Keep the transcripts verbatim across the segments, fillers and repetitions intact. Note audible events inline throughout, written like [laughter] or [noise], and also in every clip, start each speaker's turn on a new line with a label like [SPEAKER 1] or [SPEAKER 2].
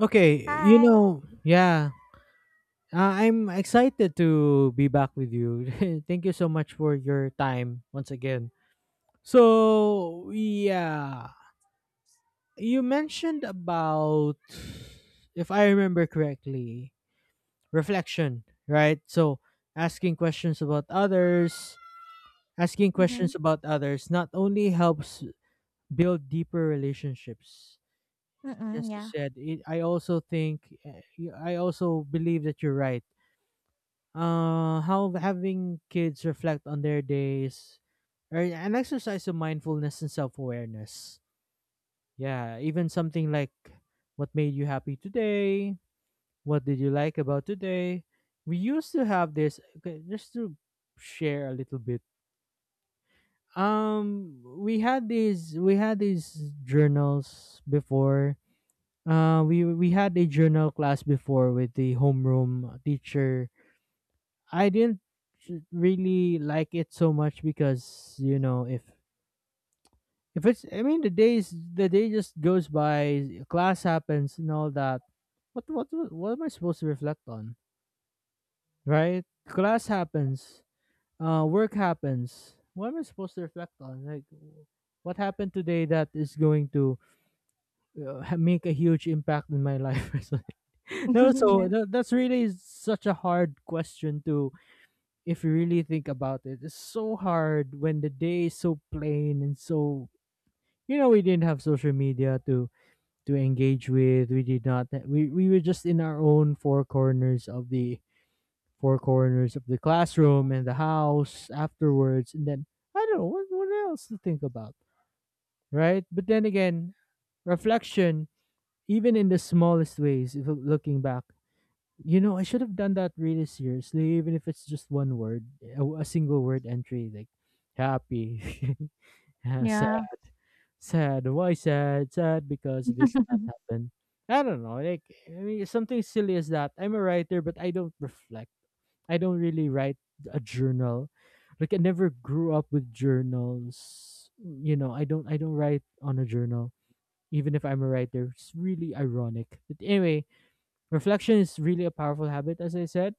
[SPEAKER 1] Okay, you
[SPEAKER 2] Hi.
[SPEAKER 1] know, yeah, uh, I'm excited to be back with you. [laughs] Thank you so much for your time once again. So, yeah, you mentioned about, if I remember correctly, reflection, right? So, asking questions about others, asking
[SPEAKER 2] Mhm,
[SPEAKER 1] questions about others not only helps build deeper relationships.
[SPEAKER 2] mm,
[SPEAKER 1] As you
[SPEAKER 2] yeah.
[SPEAKER 1] said, it, I also think, I also believe that you're right. Uh, how having kids reflect on their days or an exercise of mindfulness and self awareness. Yeah, even something like what made you happy today? What did you like about today? We used to have this, okay, just to share a little bit. Um we had these we had these journals before. Uh we we had a journal class before with the homeroom teacher. I didn't s- really like it so much because you know if if it's, I mean, the days the day just goes by, class happens and all that. What what what am I supposed to reflect on, right? Class happens, uh work happens. What am I supposed to reflect on, like what happened today that is going to uh, ha- make a huge impact in my life [laughs] or something? No,
[SPEAKER 2] [laughs] Yeah,
[SPEAKER 1] so that, that's really such a hard question to, if you really think about it, it's so hard when the day is so plain, and so, you know, we didn't have social media to to engage with. We did not. We we were just in our own four corners of the four corners of the classroom and the house afterwards, and then I don't know what what else to think about, right? But then again, reflection, even in the smallest ways, if loo- looking back. You know, I should have done that really seriously, even if it's just one word, a, a single word entry, like happy, [laughs] uh, sad,
[SPEAKER 2] yeah,
[SPEAKER 1] sad. Why sad? Sad because this did not happen. I don't know. Like, I mean, something silly as that. I'm a writer, but I don't reflect. I don't really write a journal. Like, I never grew up with journals. You know, I don't. I don't write on a journal, even if I'm a writer. It's really ironic. But anyway, reflection is really a powerful habit, as I said.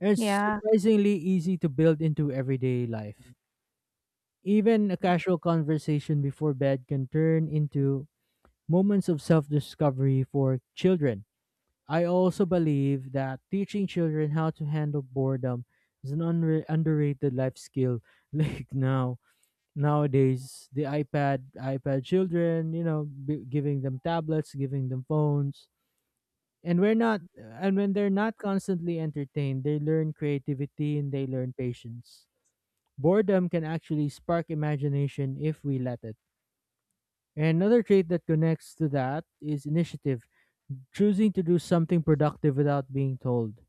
[SPEAKER 1] It's
[SPEAKER 2] yeah.
[SPEAKER 1] surprisingly easy to build into everyday life. Even a casual conversation before bed can turn into moments of self discovery for children. I also believe that teaching children how to handle boredom is an unre- underrated life skill. [laughs] Like now, nowadays, the iPad, iPad children, you know, b- giving them tablets, giving them phones. And we're not, and when they're not constantly entertained, they learn creativity and they learn patience. Boredom can actually spark imagination if we let it. Another trait that connects to that is initiative, choosing to do something productive without being told.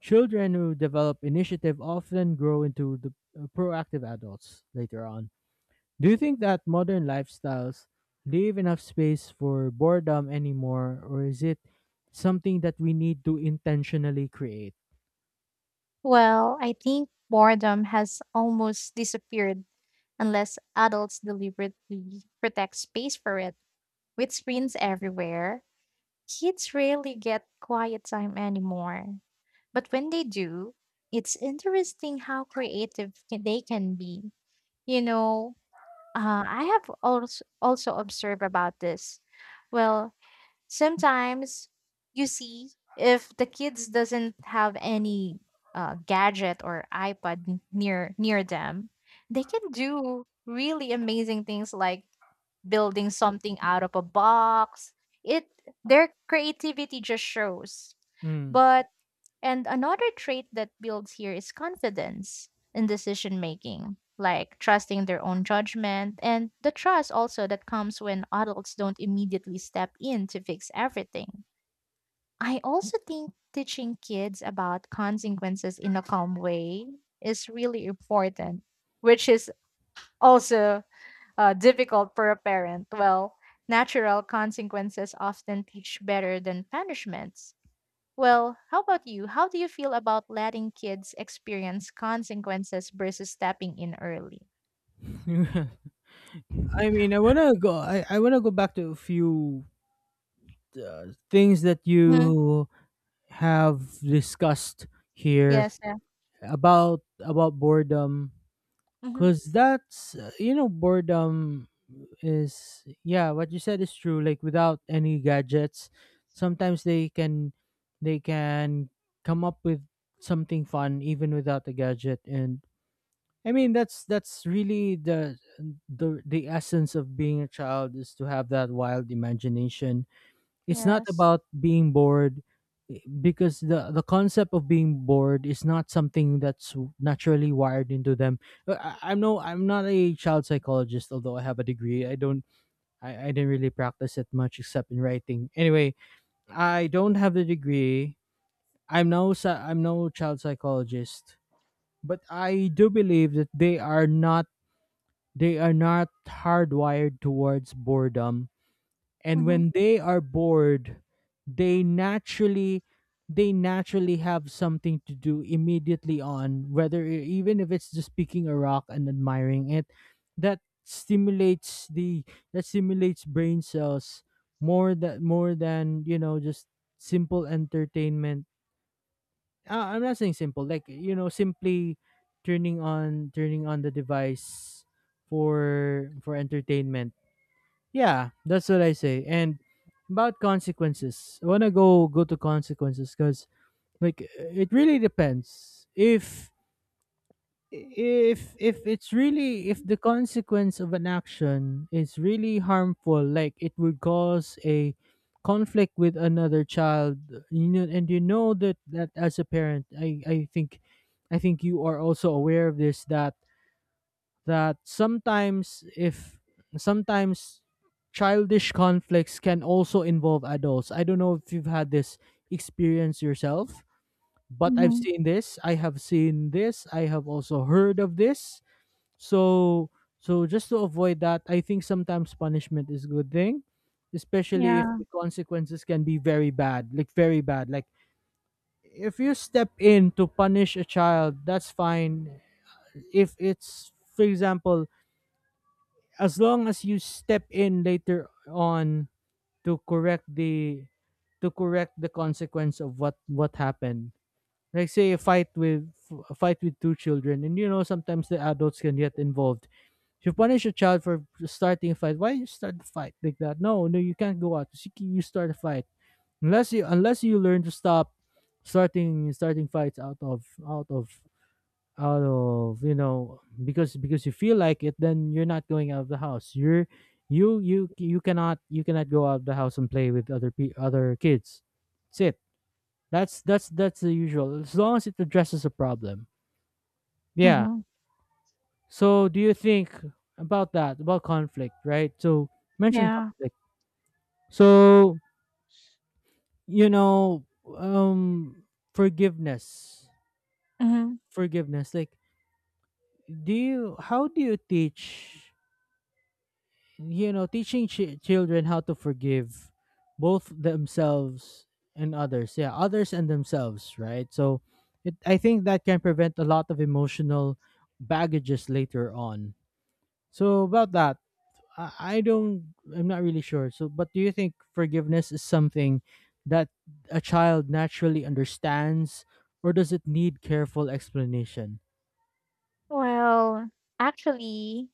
[SPEAKER 1] Children who develop initiative often grow into the uh, proactive adults later on. Do you think that modern lifestyles leave enough space for boredom anymore, or is it something that we need to intentionally create?
[SPEAKER 2] Well, I think boredom has almost disappeared unless adults deliberately protect space for it. With screens everywhere, kids rarely get quiet time anymore. But when they do, it's interesting how creative ca- they can be. You know, uh, I have also also observed about this. Well, sometimes you see if the kids doesn't have any uh, gadget or ipad n- near near them, they can do really amazing things, like building something out of a box. It Their creativity just shows.
[SPEAKER 1] Mm.
[SPEAKER 2] But and another trait that builds here is confidence in decision making, like trusting their own judgment, and the trust also that comes when adults don't immediately step in to fix everything. I also think teaching kids about consequences in a calm way is really important, which is also uh, difficult for a parent. Well, natural consequences often teach better than punishments. Well, how about you? How do you feel about letting kids experience consequences versus stepping in early?
[SPEAKER 1] [laughs] I mean, I wanna go. I, I wanna go back to a few uh, things that
[SPEAKER 2] Mm-hmm.
[SPEAKER 1] you have discussed here
[SPEAKER 2] Yes. Yeah.
[SPEAKER 1] about about boredom,
[SPEAKER 2] Mm-hmm.
[SPEAKER 1] because that's uh, you know, boredom is, yeah, what you said is true, like without any gadgets sometimes they can they can come up with something fun even without a gadget. And I mean that's that's really the the the essence of being a child is to have that wild imagination. It's not
[SPEAKER 2] Yes.
[SPEAKER 1] about being bored, eh, because the the concept of being bored is not something that's naturally wired into them. Uh, I, I'm no I'm not a child psychologist, although I have a degree. I don't, I, I didn't really practice it much except in writing. Anyway, I don't have the degree. I'm no psy- I'm no child psychologist, but I do believe that they are not, they are not hardwired towards boredom. And
[SPEAKER 2] Mm-hmm.
[SPEAKER 1] when they are bored, they naturally they naturally have something to do immediately, on whether e- even if it's just picking a rock and admiring it. That stimulates the, that stimulates brain cells more, that more than, you know, just simple entertainment. uh, I'm not saying simple like, you know, simply turning on turning on the device for for entertainment. Yeah, that's what I say. And about consequences, I wanna go go to consequences, because like it really depends if, if if it's really, if the consequence of an action is really harmful, like it would cause a conflict with another child, you know, and you know that that as a parent, I I think I think you are also aware of this, that that sometimes if, sometimes childish conflicts can also involve adults. I don't know if you've had this experience yourself, but I've
[SPEAKER 2] Hmm.
[SPEAKER 1] seen this. I have seen this. I have also heard of this. So, so just to avoid that, I think sometimes punishment is a good thing, especially if
[SPEAKER 2] Yeah.
[SPEAKER 1] the consequences can be very bad, like very bad. Like if you step in to punish a child, that's fine. If it's, for example, as long as you step in later on to correct the, to correct the consequence of what what happened, like say a fight with, a fight with two children, and you know sometimes the adults can get involved. If you punish a child for starting a fight, why you start the fight like that? No, no, you can't go out. You can- you start a fight, unless you unless you learn to stop starting starting fights out of, out of out of you know, because, because you feel like it, then you're not going out of the house. You're, you you you cannot, you cannot go out of the house and play with other pe- other kids. That's it. that's that's that's the usual, as long as it addresses a problem. Yeah.
[SPEAKER 2] Hmm.
[SPEAKER 1] So do you think about that, about conflict, right? So, mention
[SPEAKER 2] Yeah.
[SPEAKER 1] conflict. So, you know, um forgiveness.
[SPEAKER 2] Mm-hmm.
[SPEAKER 1] Forgiveness like, do you, how do you teach, you know, teaching chi- children how to forgive, both themselves and others. Yeah, others and themselves, right? So it, I think that can prevent a lot of emotional baggages later on. So about that, I, I don't, I'm not really sure. So, but do you think forgiveness is something that a child naturally understands, or does it need careful explanation?
[SPEAKER 2] Well, actually,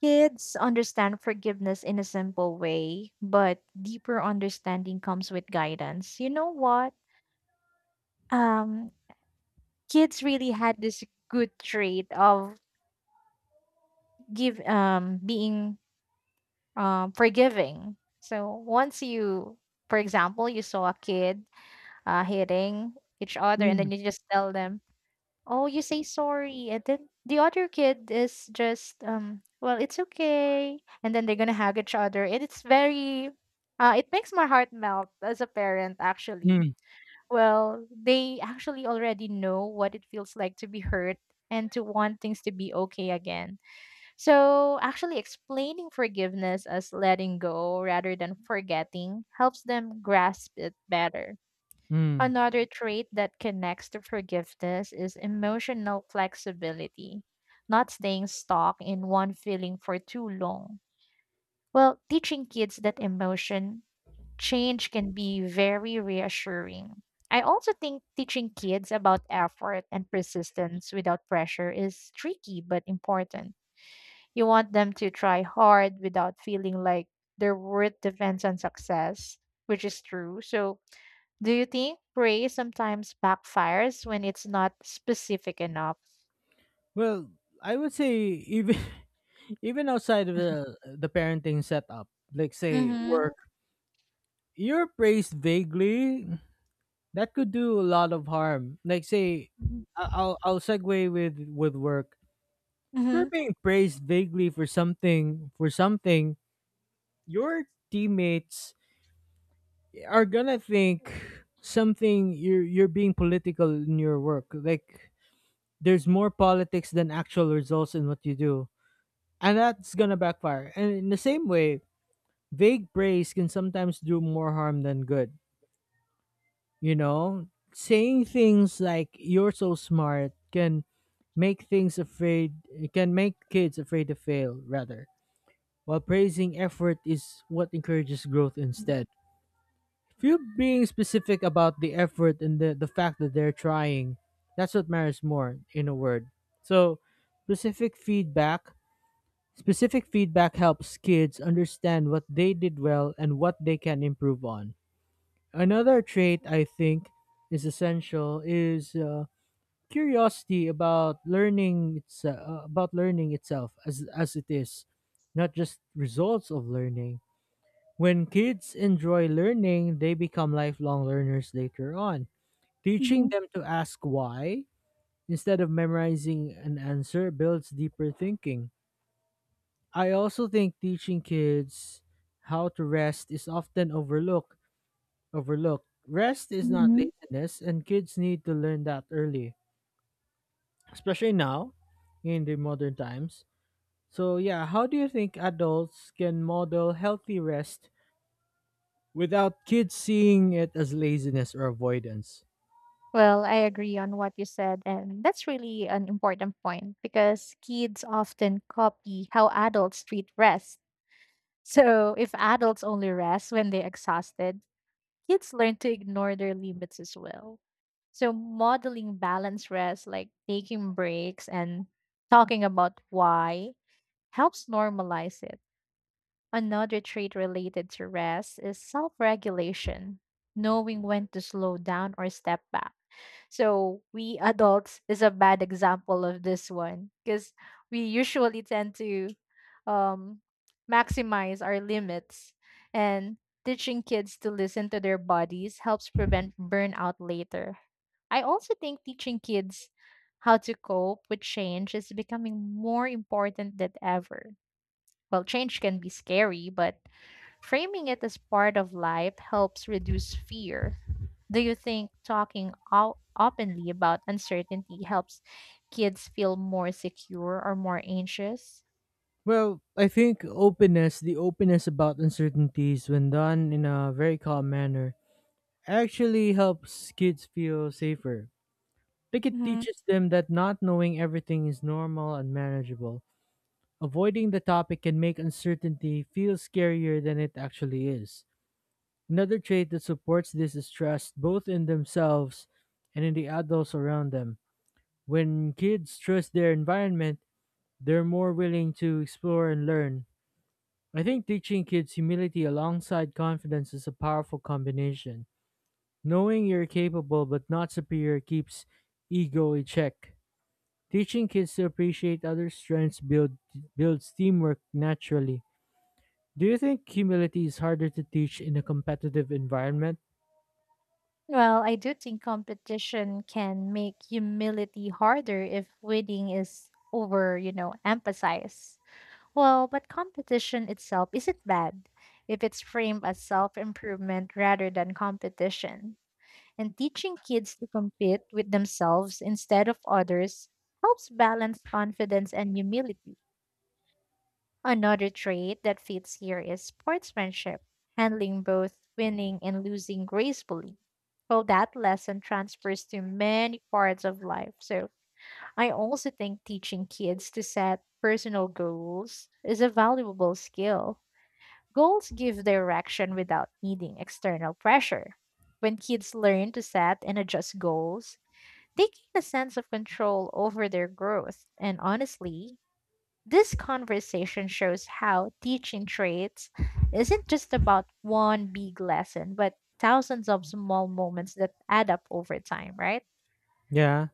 [SPEAKER 2] kids understand forgiveness in a simple way, but deeper understanding comes with guidance. You know what? Um, Kids really had this good trait of give um being um, forgiving. So once you, for example, you saw a kid uh, hitting each other, and
[SPEAKER 1] Mm,
[SPEAKER 2] then you just tell them, "Oh, you say sorry," and then the other kid is just, um, "Well, it's okay," and then they're gonna hug each other, and it's very, uh, it makes my heart melt as a parent, actually.
[SPEAKER 1] mm,
[SPEAKER 2] Well, they actually already know what it feels like to be hurt and to want things to be okay again. So, actually, explaining forgiveness as letting go rather than forgetting helps them grasp it better.
[SPEAKER 1] mm.
[SPEAKER 2] Another trait that connects to forgiveness is emotional flexibility, not staying stuck in one feeling for too long. Well, teaching kids that emotion change can be very reassuring. I also think teaching kids about effort and persistence without pressure is tricky but important. You want them to try hard without feeling like their worth depends on success, which is true. So, do you think praise sometimes backfires when it's not specific enough?
[SPEAKER 1] Well, I would say even [laughs] even outside of the the parenting setup, like say
[SPEAKER 2] Mm-hmm.
[SPEAKER 1] work, you're praised vaguely. That could do a lot of harm. Like say, I- I'll I'll segue with with work. If you're
[SPEAKER 2] Mm-hmm.
[SPEAKER 1] being praised vaguely for something, for something, your teammates are gonna think something, you're you're being political in your work. Like, there's more politics than actual results in what you do. And that's gonna backfire. And in the same way, vague praise can sometimes do more harm than good. You know, saying things like "you're so smart" can make things afraid. It can make kids afraid to fail, rather. While praising effort is what encourages growth instead. If you're being specific about the effort and the, the fact that they're trying, that's what matters more, in a word. So, specific feedback specific feedback helps kids understand what they did well and what they can improve on. Another trait I think is essential is uh, curiosity about learning. It's, uh, about learning itself as as it is, not just results of learning. When kids enjoy learning, they become lifelong learners later on. Teaching
[SPEAKER 2] Mhm.
[SPEAKER 1] them to ask why instead of memorizing an answer builds deeper thinking. I also think teaching kids how to rest is often overlooked overlooked. Rest is not
[SPEAKER 2] Mhm.
[SPEAKER 1] laziness, and kids need to learn that early, especially now in the modern times. So, yeah, how do you think adults can model healthy rest without kids seeing it as laziness or avoidance?
[SPEAKER 2] Well, I agree on what you said, and that's really an important point because kids often copy how adults treat rest. [laughs] So, if adults only rest when they're exhausted, kids learn to ignore their limits as well. So modeling balanced rest, like taking breaks and talking about why, helps normalize it. Another trait related to rest is self regulation, knowing when to slow down or step back. So we adults is a bad example of this one, because we usually tend to um, maximize our limits, and teaching kids to listen to their bodies helps prevent burnout later. I also think teaching kids how to cope with change is becoming more important than ever. Well, change can be scary, but framing it as part of life helps reduce fear. Do you think talking o- openly about uncertainty helps kids feel more secure or more anxious?
[SPEAKER 1] Well, I think openness, the openness about uncertainties, when done in a very calm manner, actually helps kids feel safer. Like, it
[SPEAKER 2] Mhm.
[SPEAKER 1] teaches them that not knowing everything is normal and manageable. Avoiding the topic can make uncertainty feel scarier than it actually is. Another trait that supports this is trust, both in themselves and in the adults around them. When kids trust their environment, they're more willing to explore and learn. I think teaching kids humility alongside confidence is a powerful combination. Knowing you're capable but not superior keeps ego in check. Teaching kids to appreciate other strengths build, builds teamwork naturally. Do you think humility is harder to teach in a competitive environment?
[SPEAKER 2] Well, I do think competition can make humility harder if winning is over, you know, emphasized. Well, but competition itself isn't bad if it's framed as self improvement rather than competition. And teaching kids to compete with themselves instead of others helps balance confidence and humility. Another trait that fits here is sportsmanship, handling both winning and losing gracefully. Well, that lesson transfers to many parts of life. So I also think teaching kids to set personal goals is a valuable skill. Goals give direction without needing external pressure. When kids learn to set and adjust goals, they gain a sense of control over their growth. And honestly, this conversation shows how teaching traits isn't just about one big lesson, but thousands of small moments that add up over time, right?
[SPEAKER 1] Yeah.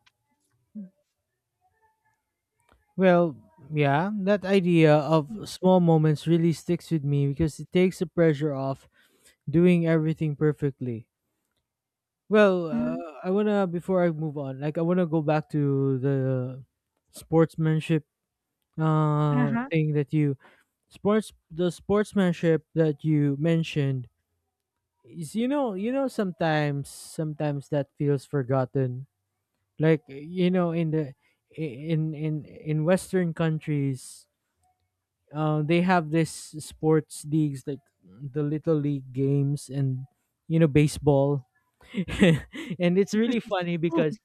[SPEAKER 1] Well, yeah, that idea of small moments really sticks with me because it takes the pressure off doing everything perfectly. Well,
[SPEAKER 2] Mhm.
[SPEAKER 1] uh, I want to before I move on, like I want to go back to the sportsmanship uh
[SPEAKER 2] Uh-huh.
[SPEAKER 1] thing that you sports the sportsmanship that you mentioned is you know, you know sometimes sometimes that feels forgotten like you know in the in in in western countries uh, they have this sports leagues like the little league games and you know baseball [laughs] and it's really funny because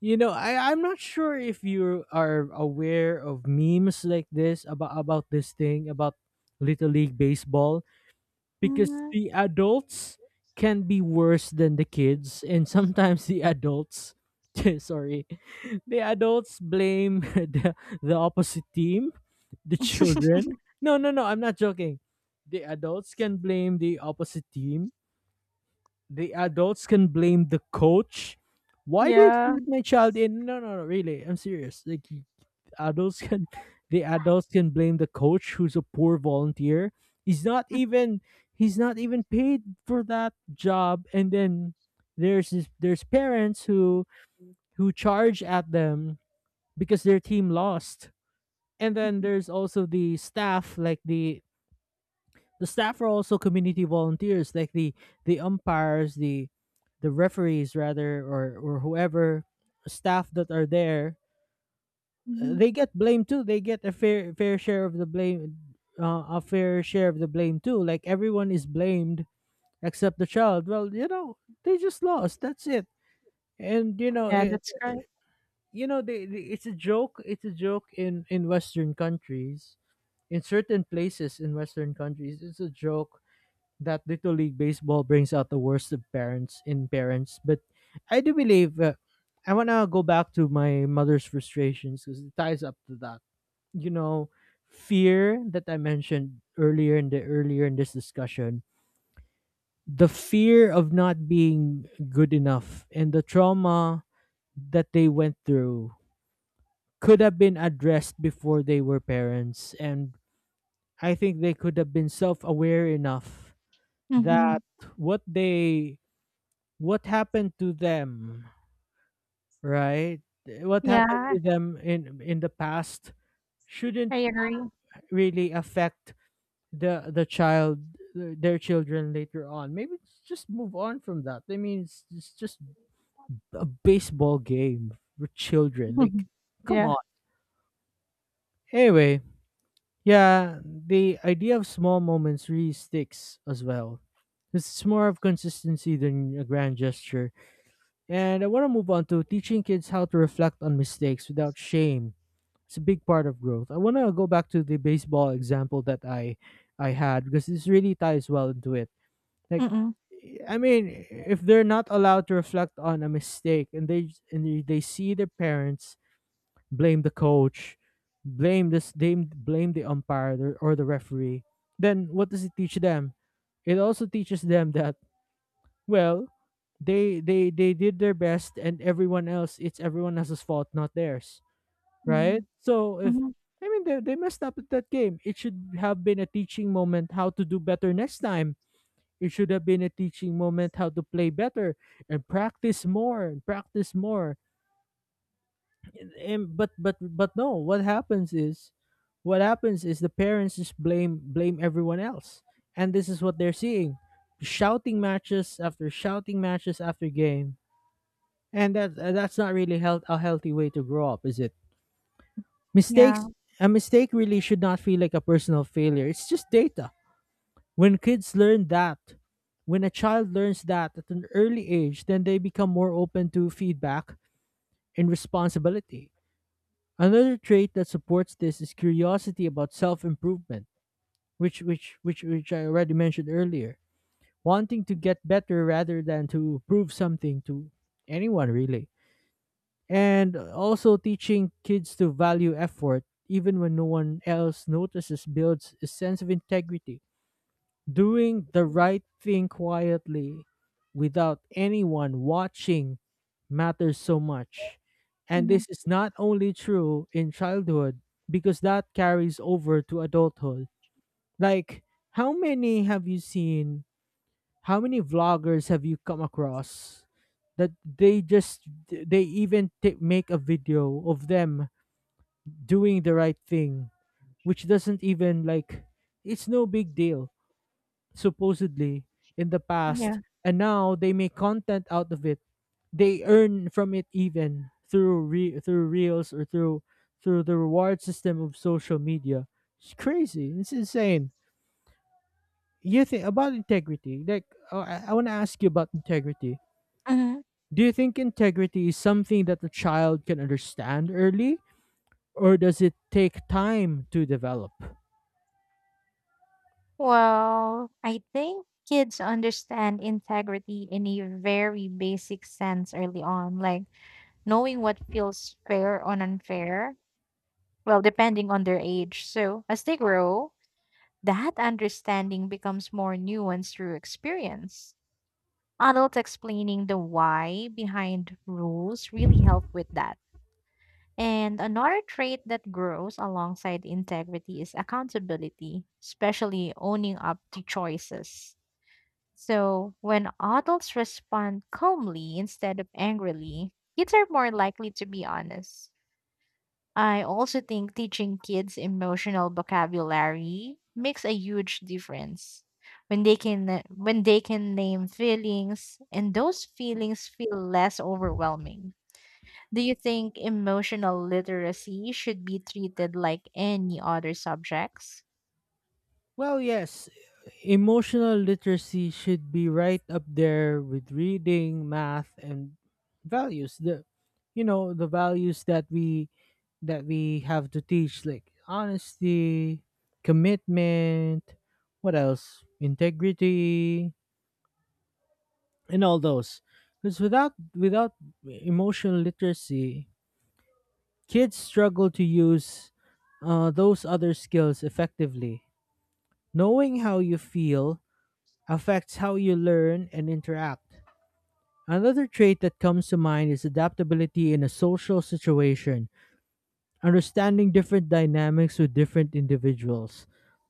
[SPEAKER 1] you know I, I'm not sure if you are aware of memes like this about about this thing about little league baseball because
[SPEAKER 2] Mhm.
[SPEAKER 1] the adults can be worse than the kids and sometimes the adults [laughs] sorry the adults blame [laughs] the, the opposite team, the children. No, no, no, I'm not joking. The adults can blame the opposite team. The adults can blame the coach. Why did you
[SPEAKER 2] Yeah.
[SPEAKER 1] let my child in? No, no, no, really. I'm serious. Like adults can the adults can blame the coach who's a poor volunteer. He's not even he's not even paid for that job, and then there's this, there's parents who who charge at them because their team lost. And then there's also the staff, like the the staff are also community volunteers, like the the umpires, the the referees rather, or or whoever staff that are there. uh,
[SPEAKER 2] Mhm.
[SPEAKER 1] They get blamed too. They get a fair fair share of the blame, uh, a fair share of the blame too. Like everyone is blamed except the child. Well, you know, they just lost. That's it. And you know,
[SPEAKER 2] Yeah,
[SPEAKER 1] it,
[SPEAKER 2] that's right.
[SPEAKER 1] you know, they, they, It's a joke. It's a joke in in Western countries. In certain places in Western countries, it's a joke that Little League Baseball brings out the worst of parents in parents. But I do believe uh, I want to go back to my mother's frustrations because it ties up to that. You know, fear that I mentioned earlier in the earlier in this discussion, the fear of not being good enough and the trauma that they went through could have been addressed before they were parents, and I think they could have been self-aware enough
[SPEAKER 2] Hmm.
[SPEAKER 1] that what they what happened to them, right? What happened
[SPEAKER 2] Yeah,
[SPEAKER 1] to them in in the past shouldn't
[SPEAKER 2] I agree.
[SPEAKER 1] really affect the the child their children later on. Maybe it's just move on from that. I mean, it's, it's just a baseball game for children. Like,
[SPEAKER 2] Mhm.
[SPEAKER 1] come
[SPEAKER 2] Yeah.
[SPEAKER 1] on. Anyway, yeah, the idea of small moments really sticks as well. This is more of consistency than a grand gesture. And I want to move on to teaching kids how to reflect on mistakes without shame. It's a big part of growth. I want to go back to the baseball example that I I had because this really ties well into it. Like
[SPEAKER 2] Mm-mm.
[SPEAKER 1] I mean, if they're not allowed to reflect on a mistake and they and they they see their parents blame the coach, blame this blame, blame the umpire or or the referee, then what does it teach them? It also teaches them that well, they they they did their best, and everyone else, it's everyone else's fault, not theirs, right?
[SPEAKER 2] Mhm.
[SPEAKER 1] So if
[SPEAKER 2] Mhm.
[SPEAKER 1] I mean they they messed up at that game, it should have been a teaching moment how to do better next time. It should have been a teaching moment how to play better and practice more and practice more. And, and but but but no, what happens is, what happens is the parents just blame blame everyone else, and this is what they're seeing, shouting matches after shouting matches after game, and that uh, that's not really health, a healthy way to grow up, is it?
[SPEAKER 2] Yeah.
[SPEAKER 1] Mistakes A mistake really should not feel like a personal failure. It's just data. When kids learn that, when a child learns that at an early age, then they become more open to feedback and responsibility. Another trait that supports this is curiosity about self-improvement, which which which which I already mentioned earlier. Wanting to get better rather than to prove something to anyone really. And also teaching kids to value effort even when no one else notices builds a sense of integrity, doing the right thing quietly without anyone watching matters so much, and
[SPEAKER 2] Mhm.
[SPEAKER 1] this is not only true in childhood because that carries over to adulthood. Like how many have you seen, how many vloggers have you come across that they just they even t- make a video of them doing the right thing, which doesn't even like it's no big deal supposedly in the past,
[SPEAKER 2] Yeah.
[SPEAKER 1] and now they make content out of it. They earn from it even through re- through reels or through through the reward system of social media. It's crazy, it's insane. You think about integrity like oh, i, I want to ask you about integrity.
[SPEAKER 2] Mhm.
[SPEAKER 1] Do you think integrity is something that a child can understand early, or does it take time to develop?
[SPEAKER 2] Well, I think kids understand integrity in a very basic sense early on, like knowing what feels fair or unfair, well, depending on their age. So as they grow, that understanding becomes more nuanced through experience. Adults explaining the why behind rules really help with that. And another trait that grows alongside integrity is accountability, especially owning up to choices. So, when adults respond calmly instead of angrily, kids are more likely to be honest. I also think teaching kids emotional vocabulary makes a huge difference. When they can uh, when they can name feelings, and those feelings feel less overwhelming. Do you think emotional literacy should be treated like any other subjects?
[SPEAKER 1] Well, yes, emotional literacy should be right up there with reading, math, and values. The you know the values that we that we have to teach, like honesty, commitment, what else? Integrity, and all those. Because without without emotional literacy, kids struggle to use uh, those other skills effectively. Knowing how you feel affects how you learn and interact. Another trait that comes to mind is adaptability in a social situation, understanding different dynamics with different individuals.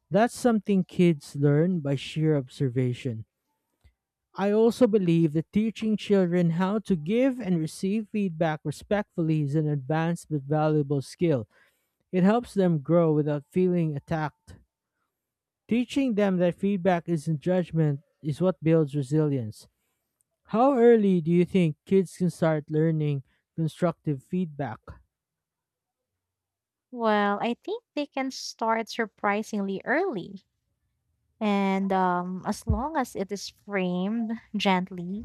[SPEAKER 1] That's something kids learn by sheer observation. I also believe that teaching children how to give and receive feedback respectfully is an advanced but valuable skill. It helps them grow without feeling attacked. Teaching them that feedback isn't judgment is what builds resilience. How early do you think kids can start learning constructive feedback?
[SPEAKER 2] Well, I think they can start surprisingly early. And um, as long as it is framed gently,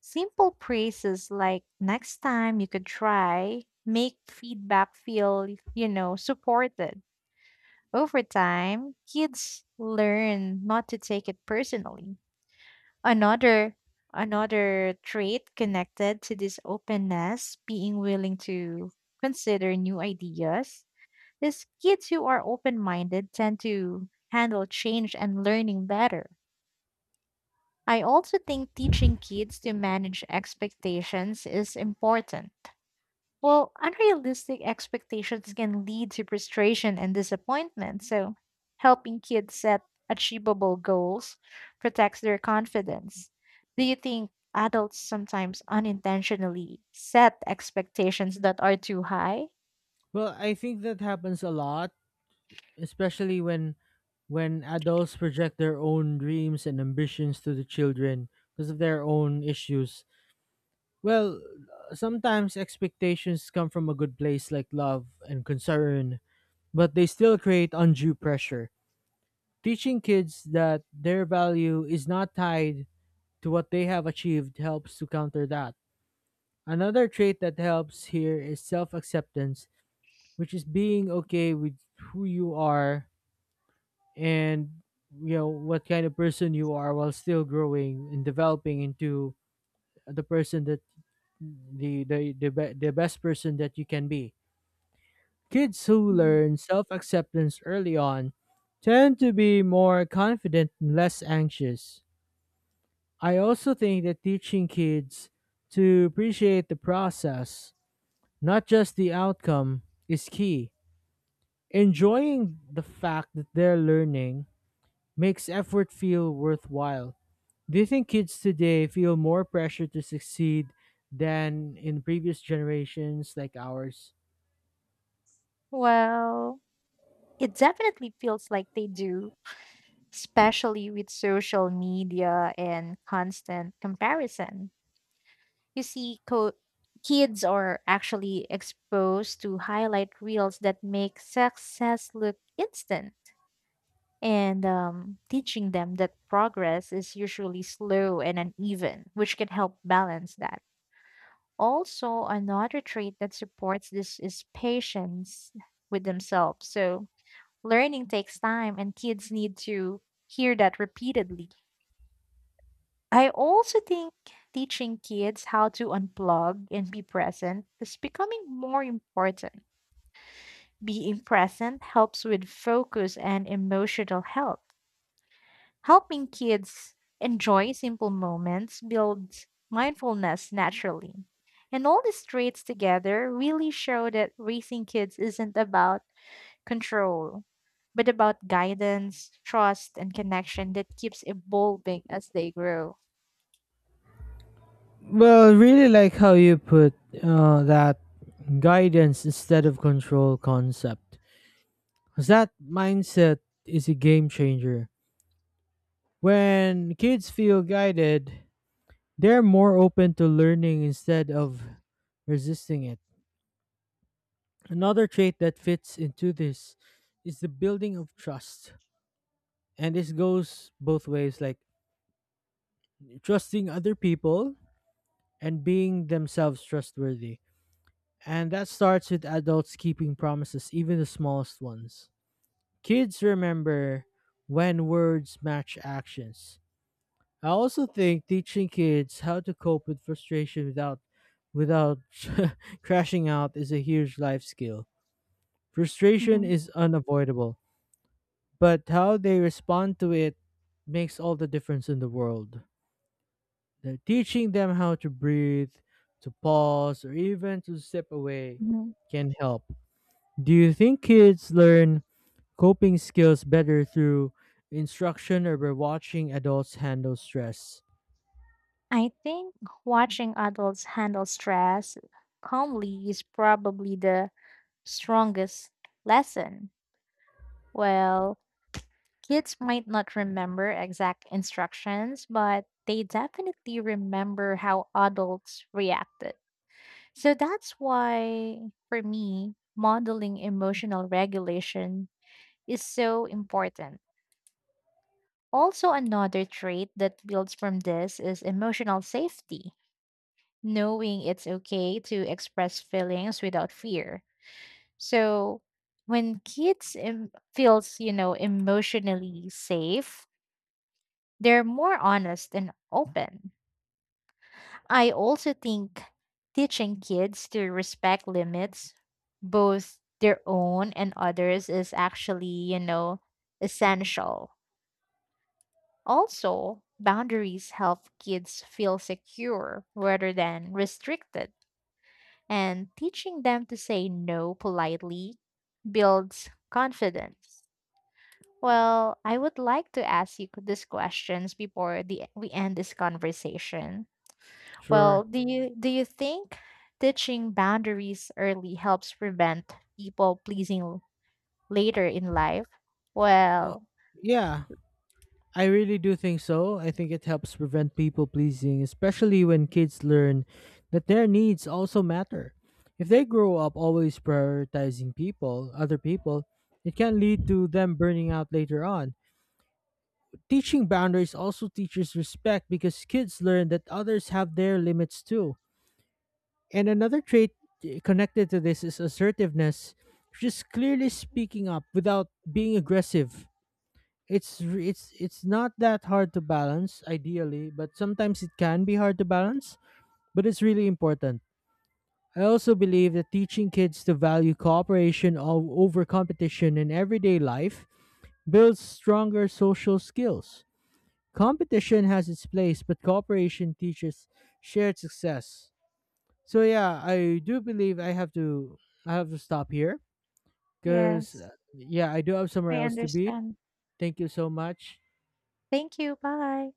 [SPEAKER 2] simple praises like next time you could try make feedback feel, you know, supported. Over time, kids learn not to take it personally. Another another trait connected to this openness, being willing to consider new ideas, is kids who are open-minded tend to handle change and learning better. I also think teaching kids to manage expectations is important. Well, unrealistic expectations can lead to frustration and disappointment. So, helping kids set achievable goals protects their confidence. Do you think adults sometimes unintentionally set expectations that are too high?
[SPEAKER 1] Well, I think that happens a lot, especially when when adults project their own dreams and ambitions to the children because of their own issues. Well, sometimes expectations come from a good place like love and concern, but they still create undue pressure. Teaching kids that their value is not tied to what they have achieved helps to counter that. Another trait that helps here is self acceptance, which is being okay with who you are and you know what kind of person you are while still growing and developing into the person that the the the, be, the best person that you can be. Kids who
[SPEAKER 2] Mm.
[SPEAKER 1] learn self acceptance early on tend to be more confident and less anxious. I also think that teaching kids to appreciate the process, not just the outcome, is key. Enjoying the fact that they're learning makes effort feel worthwhile. Do you think kids today feel more pressure to succeed than in previous generations like ours?
[SPEAKER 2] Well, it definitely feels like they do, especially with social media and constant comparison. You see, co- kids are actually exposed to highlight reels that make success look instant, and um, teaching them that progress is usually slow and uneven, which can help balance that. Also, another trait that supports this is patience with themselves. So, learning takes time, and kids need to hear that repeatedly. I also think teaching kids how to unplug and be present is becoming more important. Being present helps with focus and emotional health. Helping kids enjoy simple moments builds mindfulness naturally. And all these traits together really show that raising kids isn't about control, but about guidance, trust, and connection that keeps evolving as they grow.
[SPEAKER 1] Well, really like how you put uh, that guidance instead of control concept. Because that mindset is a game changer. When kids feel guided, they're more open to learning instead of resisting it. Another trait that fits into this is the building of trust. And this goes both ways, like trusting other people and being themselves trustworthy. And that starts with adults keeping promises, even the smallest ones. Kids remember when words match actions. I also think teaching kids how to cope with frustration without without [laughs] crashing out is a huge life skill. Frustration
[SPEAKER 2] Mhm.
[SPEAKER 1] is unavoidable, but how they respond to it makes all the difference in the world. They Teaching them how to breathe, to pause, or even to step away can help. Do you think kids learn coping skills better through instruction or by watching adults handle stress?
[SPEAKER 2] I think watching adults handle stress calmly is probably the strongest lesson. Well, kids might not remember exact instructions, but they definitely remember how adults reacted. So that's why, for me, modeling emotional regulation is so important. Also, another trait that builds from this is emotional safety, knowing it's okay to express feelings without fear. So when kids em- feels, you know, emotionally safe, they're more honest and open. I also think teaching kids to respect limits, both their own and others, is actually, you know, essential. Also, boundaries help kids feel secure rather than restricted, and teaching them to say no politely builds confidence. Well, I would like to ask you these questions before the, we end this conversation. Well,
[SPEAKER 1] Sure.
[SPEAKER 2] do you do you think teaching boundaries early helps prevent people pleasing later in life?
[SPEAKER 1] Oh,
[SPEAKER 2] Well,
[SPEAKER 1] yeah. I really do think so. I think it helps prevent people pleasing, especially when kids learn that their needs also matter. If they grow up always prioritizing people, other people, it can lead to them burning out later on. Teaching boundaries also teaches respect because kids learn that others have their limits too. And another trait eh, connected to this is assertiveness, just clearly speaking up without being aggressive. It's re- it's it's not that hard to balance ideally, but sometimes it can be hard to balance, but it's really important. I also believe that teaching kids to value cooperation o- over competition in everyday life builds stronger social skills. Competition has its place, but cooperation teaches shared success. So yeah, I do believe I have to i have to stop here because
[SPEAKER 2] yes,
[SPEAKER 1] yeah, I do have somewhere
[SPEAKER 2] I
[SPEAKER 1] else to be.
[SPEAKER 2] understand.
[SPEAKER 1] Thank you so much.
[SPEAKER 2] Thank you. Bye.